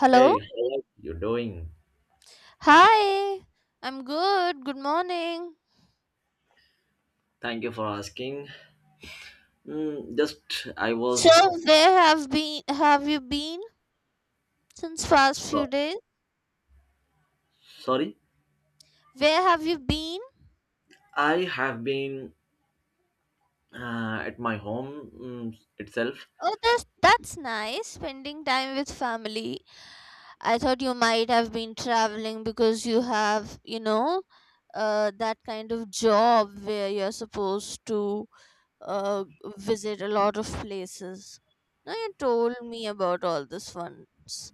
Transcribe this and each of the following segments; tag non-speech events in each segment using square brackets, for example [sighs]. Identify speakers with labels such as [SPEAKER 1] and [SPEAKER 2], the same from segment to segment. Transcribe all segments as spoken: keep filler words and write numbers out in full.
[SPEAKER 1] Hello?
[SPEAKER 2] Hey, how you doing?
[SPEAKER 1] Hi. I'm good. Good morning.
[SPEAKER 2] Thank you for asking. Mm, just I was
[SPEAKER 1] So, where have been have you been since past few
[SPEAKER 2] so-
[SPEAKER 1] days?
[SPEAKER 2] Sorry.
[SPEAKER 1] Where have you been?
[SPEAKER 2] I have been uh, at my home mm, itself.
[SPEAKER 1] Oh, that's that's nice. Spending time with family. I thought you might have been traveling because you have, you know, uh, that kind of job where you're supposed to uh, visit a lot of places. Now you told me about all this once.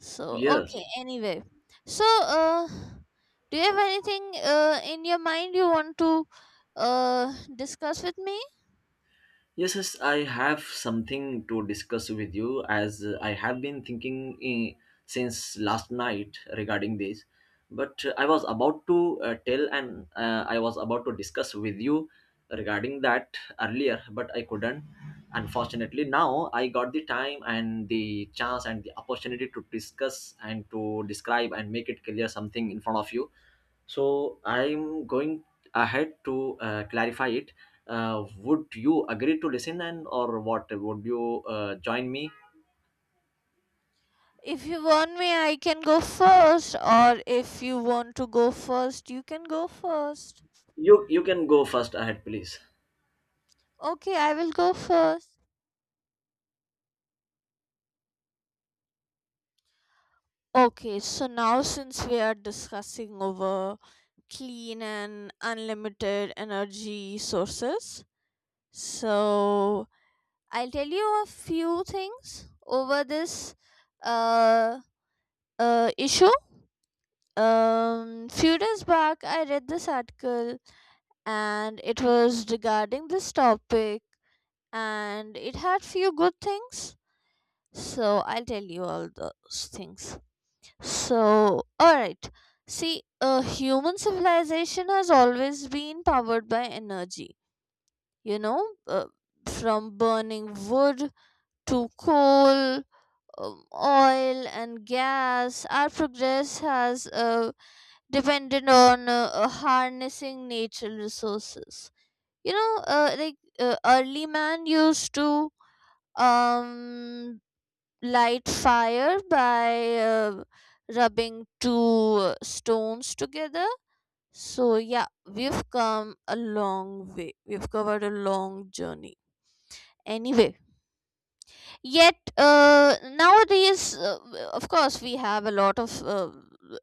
[SPEAKER 1] So okay.
[SPEAKER 2] Yes,
[SPEAKER 1] Anyway, so uh, do you have anything uh, in your mind you want to uh, discuss with me?
[SPEAKER 2] yes, yes, I have something to discuss with you as uh, I have been thinking eh, since last night regarding this. But uh, I was about to uh, tell and uh, I was about to discuss with you regarding that earlier, but I couldn't. Unfortunately, now I got the time and the chance and the opportunity to discuss and to describe and make it clear something in front of you. So I'm going ahead to uh, clarify it. Uh, would you agree to listen and or what? Would you uh, join me?
[SPEAKER 1] If you want me, I can go first, or if you want to go first, you can go first.
[SPEAKER 2] You you can go first ahead, please.
[SPEAKER 1] Okay, I will go first. Okay, so now since we are discussing over clean and unlimited energy sources, so I'll tell you a few things over this uh, uh, issue. Um, few days back, I read this article, and it was regarding this topic, and it had few good things, so I'll tell you all those things. So all right, see, uh, human civilization has always been powered by energy, you know. Uh, from burning wood to coal, um, oil and gas, our progress has uh, depended on uh, uh, harnessing natural resources, you know, uh, like uh, early man used to um light fire by uh, rubbing two uh, stones together. So, yeah, we've come a long way. We've covered a long journey. Anyway, yet uh, nowadays, uh, of course, we have a lot of uh,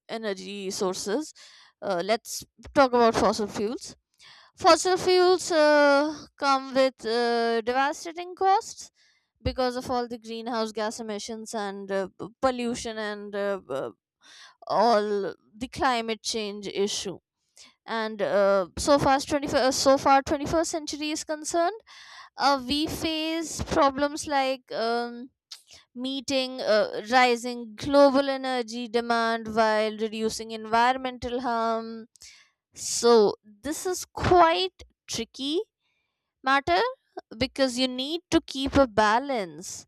[SPEAKER 1] energy sources. Uh, let's talk about fossil fuels. Fossil fuels uh, come with uh, devastating costs because of all the greenhouse gas emissions and uh, p- pollution and uh, uh, all the climate change issue. And uh, so far, as twenty-first, so far, twenty-first century is concerned, uh, we face problems like um, meeting uh, rising global energy demand while reducing environmental harm. So this is quite tricky matter, because you need to keep a balance,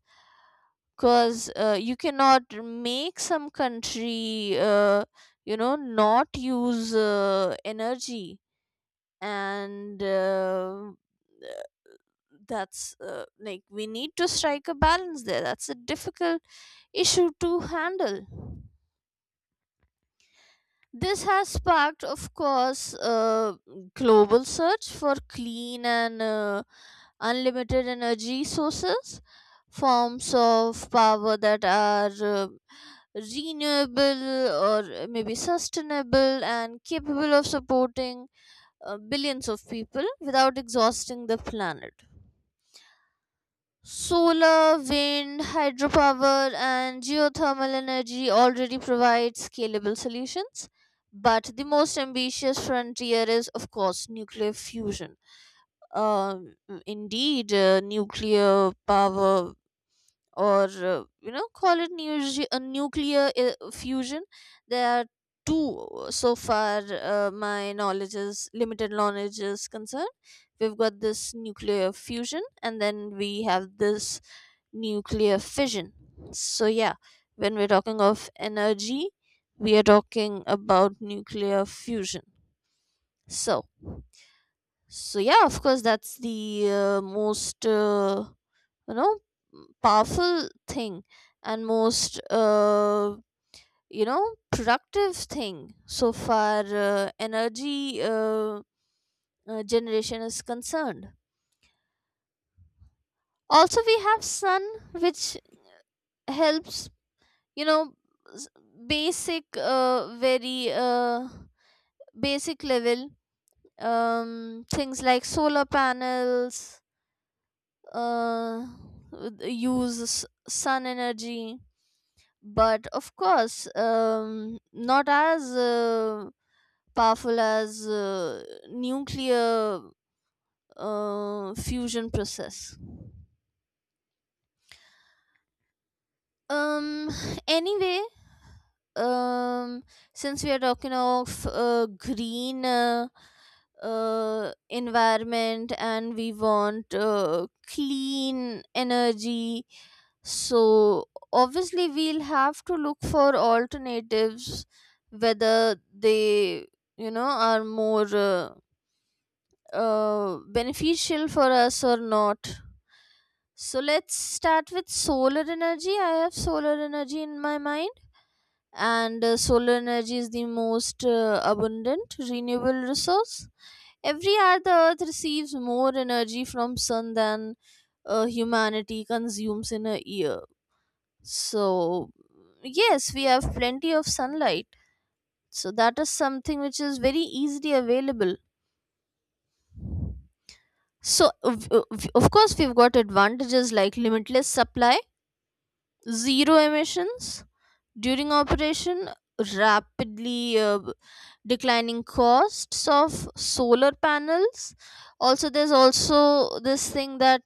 [SPEAKER 1] because uh, you cannot make some country, uh, you know, not use uh, energy. And uh, that's uh, like, we need to strike a balance there. That's a difficult issue to handle. This has sparked, of course, a global search for clean and uh, unlimited energy sources, forms of power that are uh, renewable or maybe sustainable and capable of supporting uh, billions of people without exhausting the planet. Solar, wind, hydropower, and geothermal energy already provide scalable solutions, but the most ambitious frontier is, of course, nuclear fusion. Um, Indeed, uh, nuclear power, or uh, you know, call it nu- a nuclear uh, fusion, there are two, uh, so far uh, my knowledge is limited knowledge is concerned. We've got this nuclear fusion, and then we have this nuclear fission. So yeah, when we're talking of energy, we are talking about nuclear fusion. So so yeah, of course, that's the uh, most uh, you know, powerful thing, and most uh, you know, productive thing so far uh, energy uh, uh, generation is concerned. Also we have sun, which helps, you know, s- basic, uh, very uh, basic level, um, things like solar panels uh, use s- sun energy, but of course, um, not as uh, powerful as uh, nuclear uh, fusion process. um [sighs] anyway, um since we are talking of uh, green uh, uh, environment, and we want uh, clean energy, so obviously we'll have to look for alternatives, whether they, you know, are more uh, uh, beneficial for us or not. So let's start with solar energy. I have solar energy in my mind, and uh, solar energy is the most uh, abundant renewable resource. Every year the earth receives more energy from sun than uh, humanity consumes in a year. So, yes, we have plenty of sunlight. So, that is something which is very easily available. So, of of- of course, we've got advantages like limitless supply, zero emissions during operation, rapidly uh, declining costs of solar panels. Also, there's also this thing that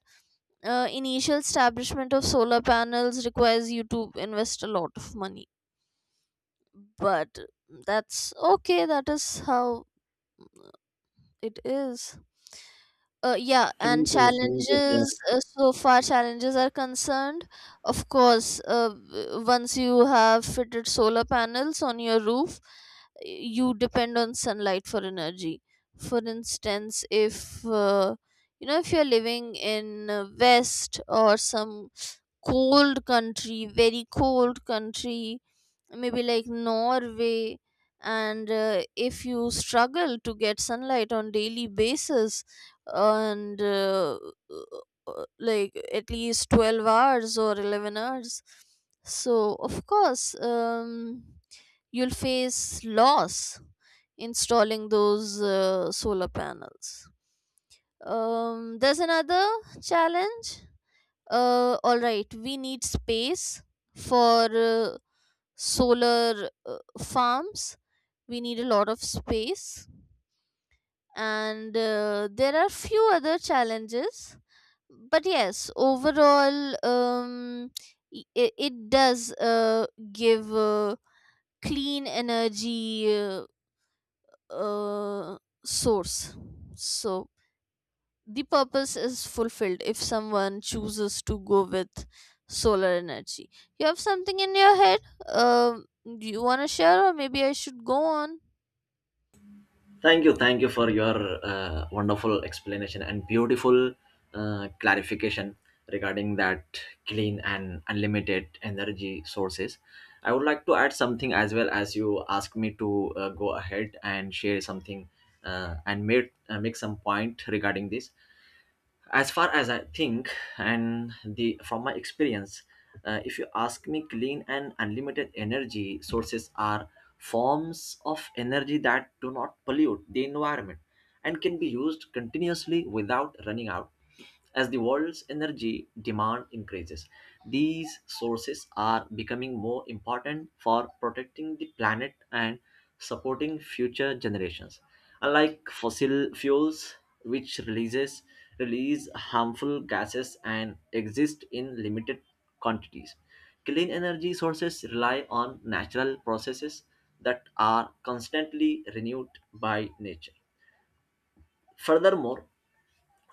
[SPEAKER 1] uh, initial establishment of solar panels requires you to invest a lot of money, but that's okay, that is how it is. Uh, yeah, and
[SPEAKER 2] Thank you. Thank you for.
[SPEAKER 1] challenges, uh, so far challenges are concerned, of course, uh, w- once you have fitted solar panels on your roof, you depend on sunlight for energy. For instance, if uh, you know, if you're living in uh, west or some cold country, very cold country, maybe like Norway. And uh, if you struggle to get sunlight on daily basis, and uh, uh, uh, like at least twelve hours or eleven hours, so of course, um, you'll face loss installing those uh, solar panels. Um, there's another challenge. Uh, all right, we need space for uh, solar uh, farms. We need a lot of space. And uh, there are few other challenges, but yes, overall, um, it, it does uh, give uh, clean energy uh, uh, source. So the purpose is fulfilled if someone chooses to go with solar energy. You have something in your head? Um, do you want to share, or maybe I should go on?
[SPEAKER 2] Thank you, thank you for your uh, wonderful explanation and beautiful uh, clarification regarding that clean and unlimited energy sources. I would like to add something as well as you asked me to uh, go ahead and share something, uh, and made, uh, make some point regarding this. As far as I think, and the from my experience, uh, if you ask me, clean and unlimited energy sources are forms of energy that do not pollute the environment and can be used continuously without running out. As the world's energy demand increases, these sources are becoming more important for protecting the planet and supporting future generations. Unlike fossil fuels, which releases release harmful gases and exist in limited quantities, clean energy sources rely on natural processes that are constantly renewed by nature. Furthermore,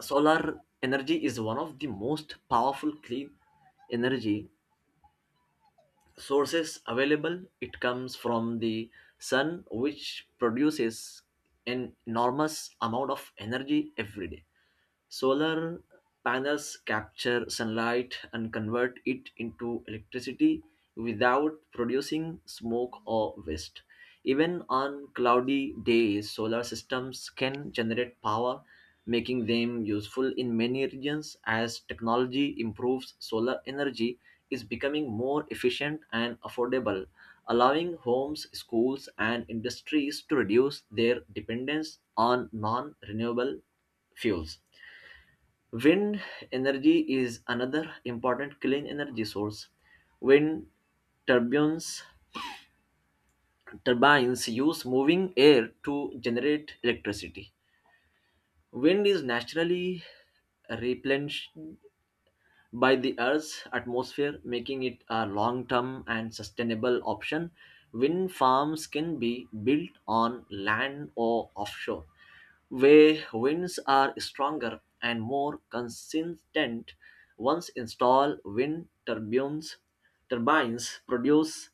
[SPEAKER 2] solar energy is one of the most powerful clean energy sources available. It comes from the sun, which produces an enormous amount of energy every day. Solar panels capture sunlight and convert it into electricity without producing smoke or waste. Even on cloudy days, solar systems can generate power, making them useful in many regions. As technology improves, solar energy is becoming more efficient and affordable, allowing homes, schools, and industries to reduce their dependence on non renewable fuels. Wind energy is another important clean energy source. Wind turbines turbines use moving air to generate electricity. Wind is naturally replenished by the Earth's atmosphere, making it a long term and sustainable option. Wind farms can be built on land or offshore, where winds are stronger and more consistent. Once installed, wind turbines, turbines produce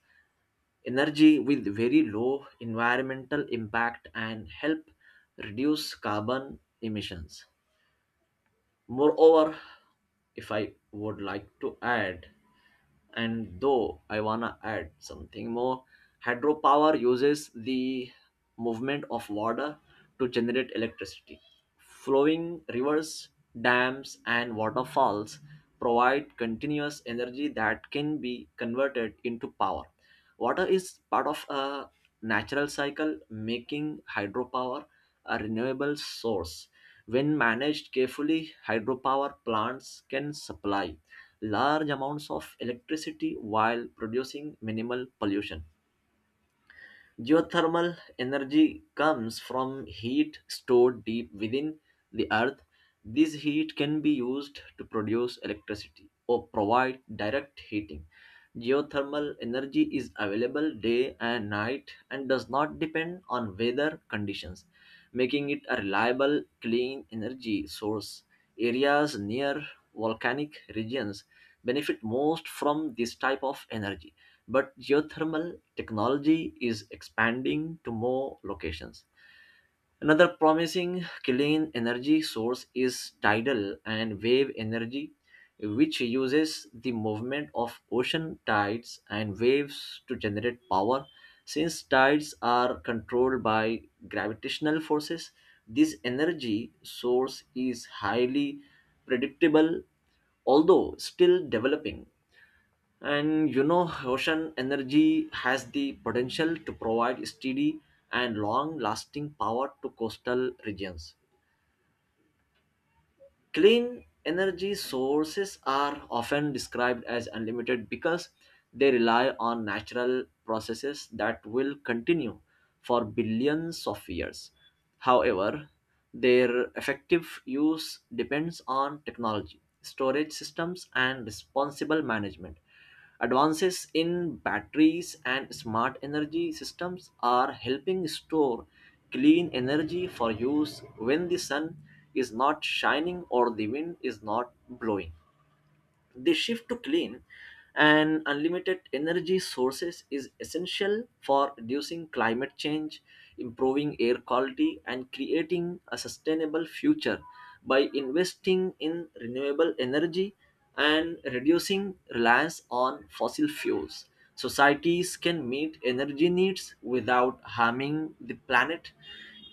[SPEAKER 2] energy with very low environmental impact and help reduce carbon emissions. Moreover, if I would like to add, and though I wanna add something more, hydropower uses the movement of water to generate electricity. Flowing rivers, dams, and waterfalls provide continuous energy that can be converted into power. Water is part of a natural cycle, making hydropower a renewable source. When managed carefully, hydropower plants can supply large amounts of electricity while producing minimal pollution. Geothermal energy comes from heat stored deep within the earth. This heat can be used to produce electricity or provide direct heating. Geothermal energy is available day and night and does not depend on weather conditions, making it a reliable, clean energy source. Areas near volcanic regions benefit most from this type of energy, but geothermal technology is expanding to more locations. Another promising clean energy source is tidal and wave energy, which uses the movement of ocean tides and waves to generate power. Since tides are controlled by gravitational forces, this energy source is highly predictable, although still developing. And you know, ocean energy has the potential to provide steady and long lasting power to coastal regions. Clean energy sources are often described as unlimited because they rely on natural processes that will continue for billions of years. However, their effective use depends on technology, storage systems, and responsible management. Advances in batteries and smart energy systems are helping store clean energy for use when the sun is not shining or the wind is not blowing. The shift to clean and unlimited energy sources is essential for reducing climate change, improving air quality, and creating a sustainable future. By investing in renewable energy and reducing reliance on fossil fuels, societies can meet energy needs without harming the planet.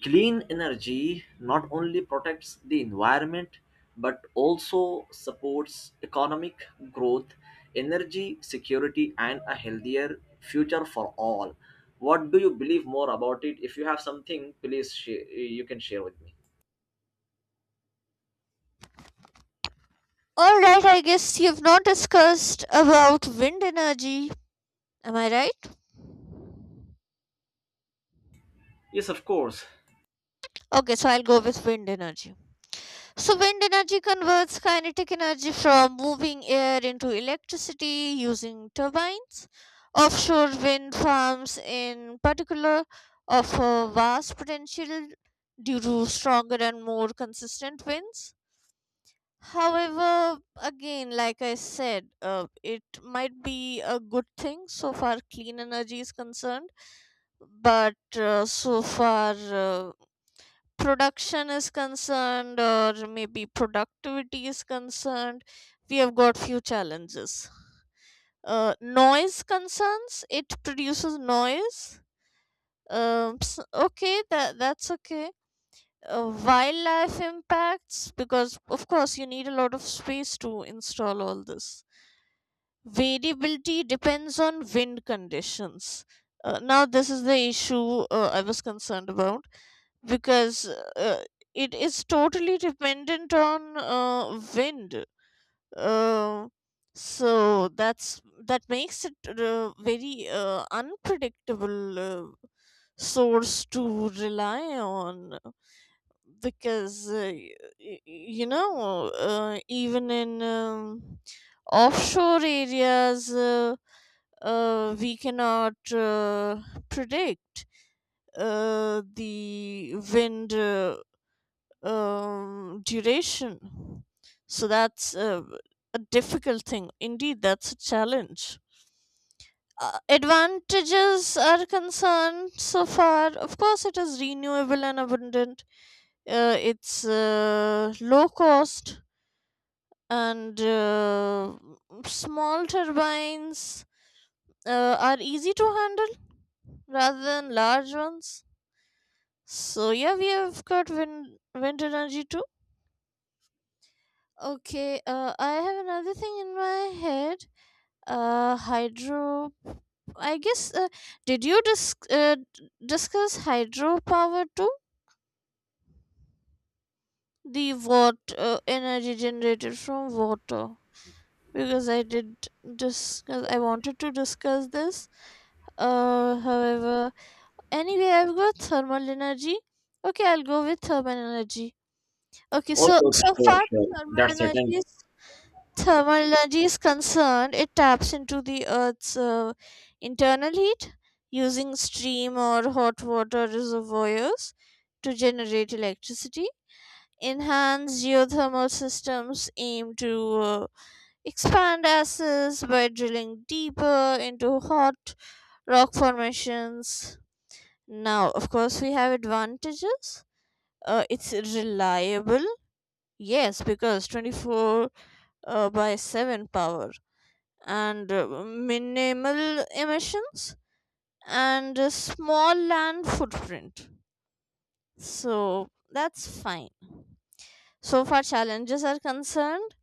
[SPEAKER 2] Clean energy not only protects the environment, but also supports economic growth, energy security, and a healthier future for all. What do you believe more about it? If you have something, please share. You can share with me.
[SPEAKER 1] All right, I guess you've not discussed about wind energy. Am I right?
[SPEAKER 2] Yes, of course.
[SPEAKER 1] Okay, so I'll go with wind energy. So, wind energy converts kinetic energy from moving air into electricity using turbines. Offshore wind farms, in particular, offer vast potential due to stronger and more consistent winds. However, again, like I said, uh, it might be a good thing so far clean energy is concerned, but uh, so far uh, production is concerned or maybe productivity is concerned, we have got few challenges. Uh, noise concerns, it produces noise. Um, s- okay, that that's okay. Uh, wildlife impacts, because of course, you need a lot of space to install all this. Variability depends on wind conditions. Uh, now, this is the issue uh, I was concerned about, because uh, it is totally dependent on uh, wind. Uh, so that's that makes it uh, very uh, unpredictable uh, source to rely on, because uh, y- y- you know, uh, even in um, offshore areas, uh, uh, we cannot uh, predict uh, the wind uh, um, duration. So that's uh, a difficult thing indeed. That's a challenge. Uh, advantages are concerned, so far, of course, it is renewable and abundant. Uh, it's uh, low cost, and uh, small turbines uh, are easy to handle rather than large ones. So yeah, we have got wind, wind energy too. Okay, uh, I have another thing in my head. Uh, hydro. I guess. Uh, did you dis- uh, d- discuss hydropower too? The water uh, energy generated from water. Because I did discuss. I wanted to discuss this. Uh, however, anyway, I've got thermal energy. Okay, I'll go with thermal energy. Okay, so
[SPEAKER 2] Okay, okay,
[SPEAKER 1] so
[SPEAKER 2] sure,
[SPEAKER 1] far
[SPEAKER 2] sure.
[SPEAKER 1] thermal
[SPEAKER 2] That's
[SPEAKER 1] energy
[SPEAKER 2] certain.
[SPEAKER 1] is, Thermology is concerned, it taps into the Earth's uh, internal heat using steam or hot water reservoirs to generate electricity. Enhanced geothermal systems aim to uh, expand access by drilling deeper into hot rock formations. Now, of course, we have advantages. Uh, it's reliable, yes, because twenty-four uh, by seven power, and uh, minimal emissions, and a small land footprint. So that's fine. So far, challenges are concerned,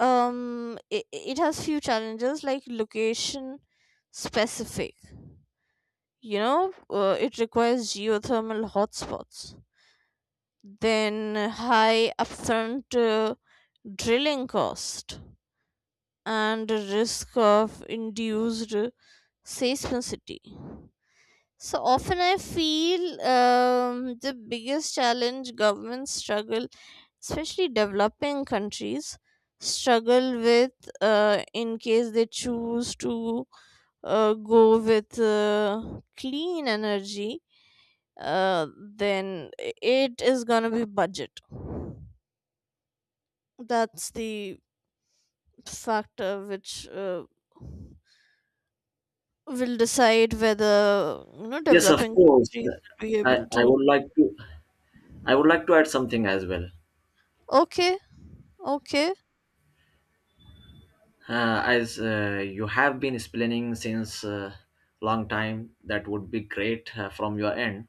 [SPEAKER 1] um, it, it has few challenges like location specific. You know, uh, it requires geothermal hotspots, then high upfront uh, drilling cost, and risk of induced uh, seismicity. So often I feel, um, the biggest challenge governments struggle, especially developing countries, struggle with, uh, in case they choose to uh, go with uh, clean energy, uh, then it is going to be budget. That's the factor which uh, will decide whether, you know,
[SPEAKER 2] Yes, of
[SPEAKER 1] developing
[SPEAKER 2] course.
[SPEAKER 1] countries will be
[SPEAKER 2] I,
[SPEAKER 1] able
[SPEAKER 2] I
[SPEAKER 1] to.
[SPEAKER 2] would like to I would like to add something as well.
[SPEAKER 1] Okay, okay.
[SPEAKER 2] Uh, as uh, you have been explaining since uh, long time, that would be great uh, from your end.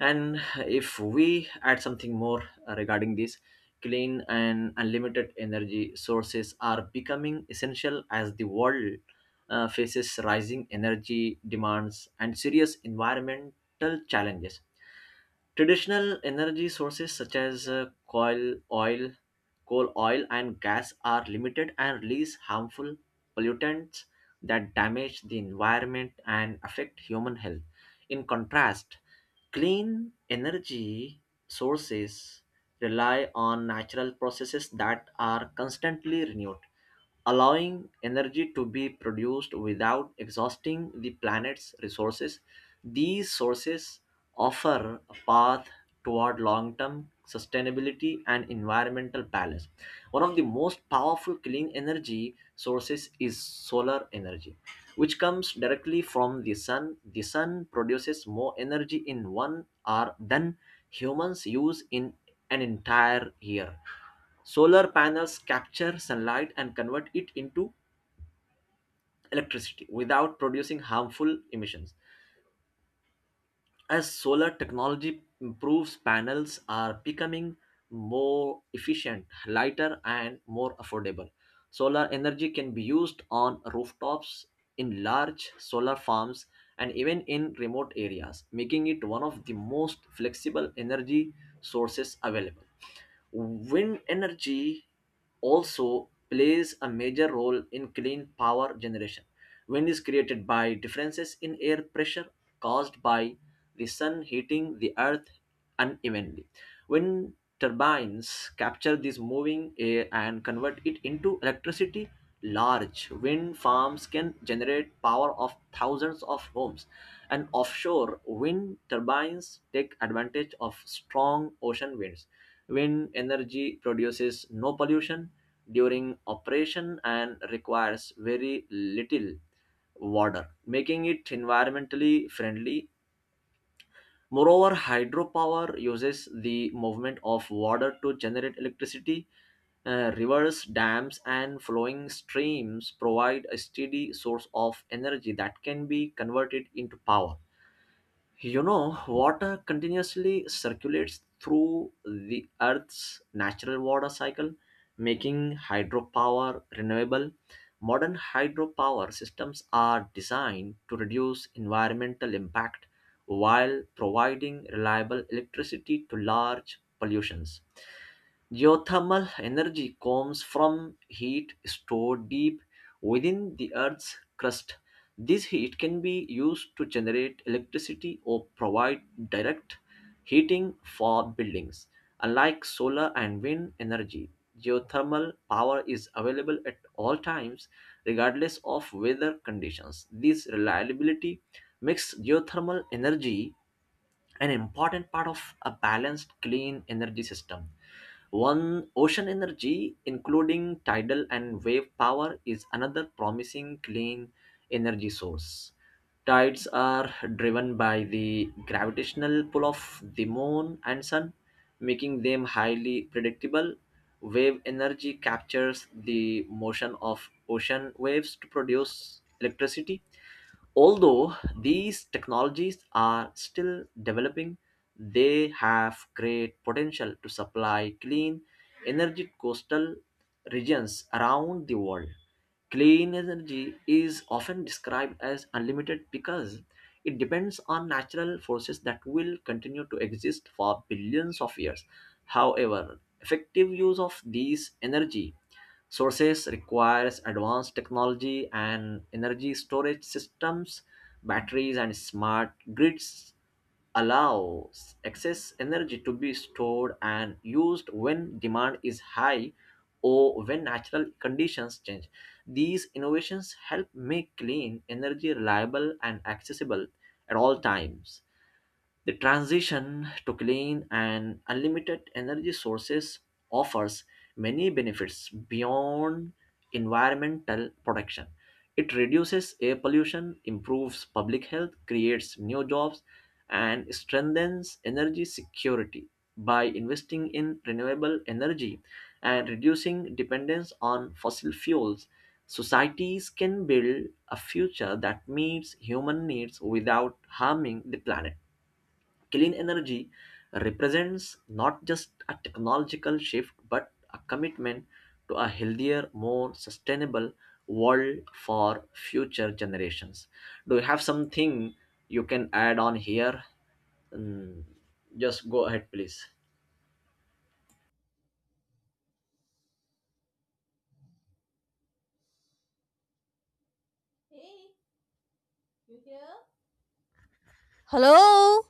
[SPEAKER 2] And if we add something more uh, regarding this, clean and unlimited energy sources are becoming essential as the world uh, faces rising energy demands and serious environmental challenges. Traditional energy sources, such as uh, coal, oil, coal, oil, and gas, are limited and release harmful pollutants that damage the environment and affect human health. In contrast, clean energy sources rely on natural processes that are constantly renewed, allowing energy to be produced without exhausting the planet's resources. These sources offer a path toward long term sustainability and environmental balance. One of the most powerful clean energy sources is solar energy, which comes directly from the sun. The sun produces more energy in one hour than humans use in an entire year. Solar panels capture sunlight and convert it into electricity without producing harmful emissions. As solar technology improves, panels are becoming more efficient, lighter, and more affordable. Solar energy can be used on rooftops, in large solar farms, and even in remote areas, making it one of the most flexible energy sources available. Wind energy also plays a major role in clean power generation. Wind is created by differences in air pressure caused by the sun heating the earth unevenly. Wind turbines capture this moving air and convert it into electricity. Large wind farms can generate power of thousands of homes, and offshore wind turbines take advantage of strong ocean winds. Wind energy produces no pollution during operation and requires very little water, making it environmentally friendly. Moreover, hydropower uses the movement of water to generate electricity. Uh, rivers, dams, and flowing streams provide a steady source of energy that can be converted into power. You know, water continuously circulates through the Earth's natural water cycle, making hydropower renewable. Modern hydropower systems are designed to reduce environmental impact while providing reliable electricity to large pollutions. Geothermal energy comes from heat stored deep within the Earth's crust. This heat can be used to generate electricity or provide direct heating for buildings. Unlike solar and wind energy, geothermal power is available at all times, regardless of weather conditions. This reliability makes geothermal energy an important part of a balanced, clean energy system. One ocean energy, including tidal and wave power, is another promising clean energy source. Tides are driven by the gravitational pull of the moon and sun, making them highly predictable. Wave energy captures the motion of ocean waves to produce electricity. Although these technologies are still developing, they have great potential to supply clean energy coastal regions around the world. Clean energy is often described as unlimited because it depends on natural forces that will continue to exist for billions of years. However, effective use of these energy sources requires advanced technology and energy storage systems. Batteries and smart grids allows excess energy to be stored and used when demand is high or when natural conditions change. These innovations help make clean energy reliable and accessible at all times. The transition to clean and unlimited energy sources offers many benefits beyond environmental protection. It reduces air pollution, improves public health, creates new jobs, and strengthens energy security. By investing in renewable energy and reducing dependence on fossil fuels, societies can build a future that meets human needs without harming the planet. Clean energy represents not just a technological shift, but a commitment to a healthier, more sustainable world for future generations. Do you have something you can add on here? Mm, just go ahead, please.
[SPEAKER 1] Hey, you here? Hello?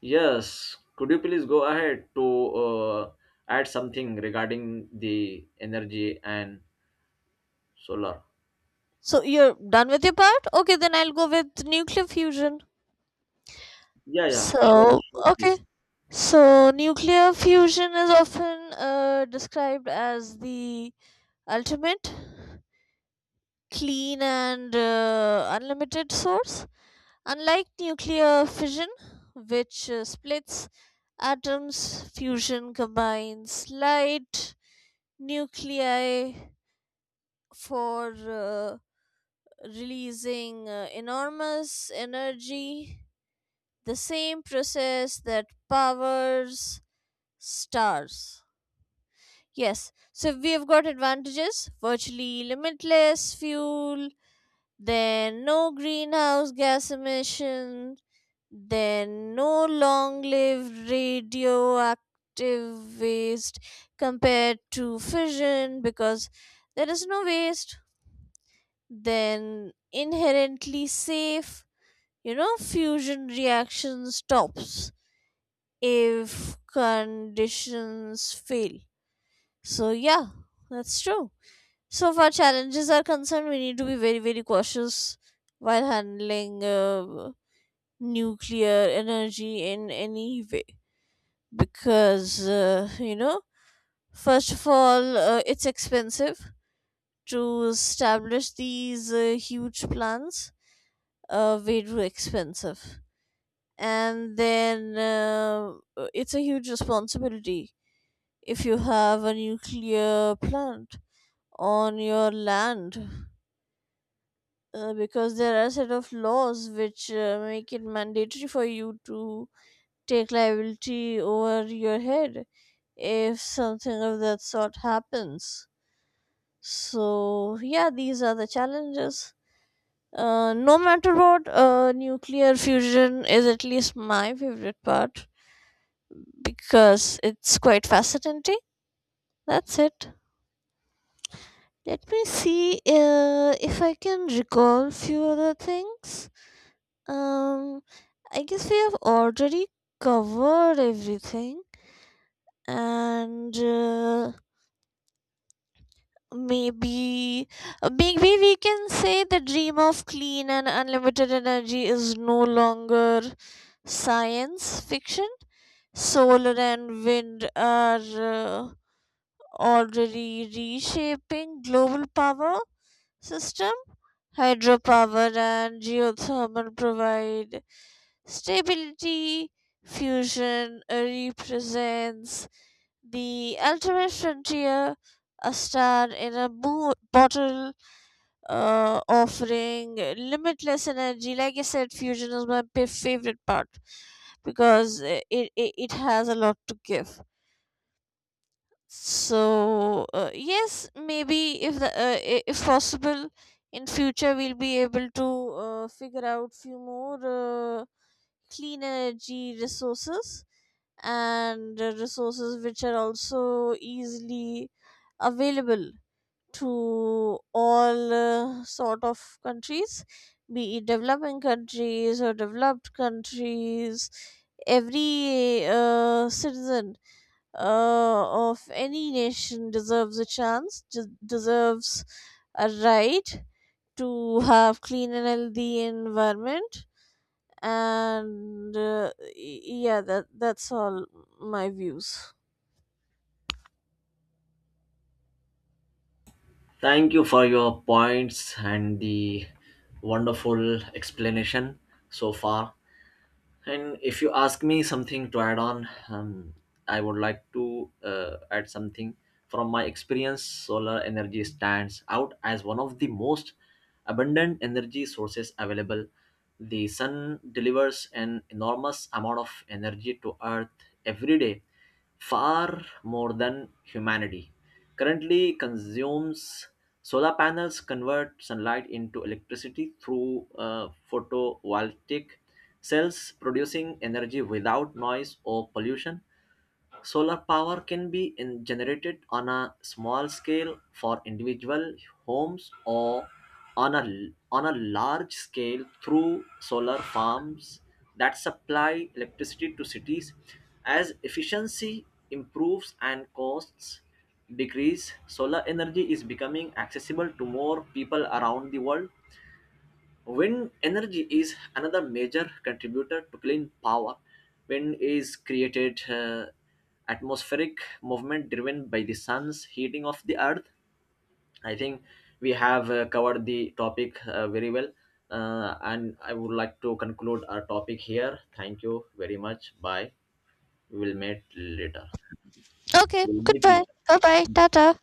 [SPEAKER 2] Yes, could you please go ahead to uh, add something regarding the energy and solar?
[SPEAKER 1] So you're done with your part? Okay, then I'll go with nuclear fusion.
[SPEAKER 2] Yeah, yeah, sure,
[SPEAKER 1] So,
[SPEAKER 2] sure, please.
[SPEAKER 1] okay. So, nuclear fusion is often uh, described as the ultimate clean and uh, unlimited source. Unlike nuclear fission, which uh, splits atoms, fusion combines light nuclei for uh, releasing uh, enormous energy, the same process that powers stars. Yes, so we've got advantages: virtually limitless fuel, then no greenhouse gas emission, then no long lived radioactive waste compared to fission, because there is no waste, then inherently safe, you know, fusion reaction stops if conditions fail. So yeah, that's true. So far challenges are concerned, we need to be very very cautious while handling uh, nuclear energy in any way. Because uh, you know, first of all, uh, it's expensive to establish these uh, huge plants. Uh, way too expensive. And then, uh, uh, it's a huge responsibility if you have a nuclear plant on your land. Uh, because there are a set of laws which uh, make it mandatory for you to take liability over your head if something of that sort happens. So yeah, these are the challenges. Uh, no matter what, uh, nuclear fusion is at least my favorite part because it's quite fascinating. That's it. Let me see uh, if I can recall few other things. Um, I guess we have already covered everything, and uh, maybe uh, maybe we can say the dream of clean and unlimited energy is no longer science fiction. Solar and wind are. Uh, Already reshaping global power system. Hydropower and geothermal provide stability. Fusion represents the ultimate frontier, a star in a bo- bottle, uh, offering limitless energy. Like I said, fusion is my p- favorite part because, uh, it, it, it has a lot to give. So uh, yes, maybe if the, uh, i- if possible, in future we'll be able to uh, figure out few more uh, clean energy resources, and uh, resources which are also easily available to all uh, sort of countries, be it developing countries or developed countries. Every uh, citizen uh, of any nation deserves a chance, de- deserves a right to have clean and healthy environment. And uh, y- yeah, that that's all my views.
[SPEAKER 2] Thank you for your points and the wonderful explanation so far. And if you ask me something to add on, um, I would like to uh, add something. From my experience, solar energy stands out as one of the most abundant energy sources available. The sun delivers an enormous amount of energy to Earth every day, far more than humanity currently consumes. Solar panels convert sunlight into electricity through uh, photovoltaic cells, producing energy without noise or pollution. Solar power can be in- generated on a small scale for individual homes, or on a on a large scale through solar farms that supply electricity to cities. As efficiency improves and costs decrease, solar energy is becoming accessible to more people around the world. Wind energy is another major contributor to clean power. Wind is created uh, atmospheric movement driven by the sun's heating of the earth. I think we have uh, covered the topic uh, very well. Uh, and I would like to conclude our topic here. Thank you very much. Bye. We will meet later.
[SPEAKER 1] Okay,
[SPEAKER 2] We'll meet later.
[SPEAKER 1] goodbye. Bye bye. Tata.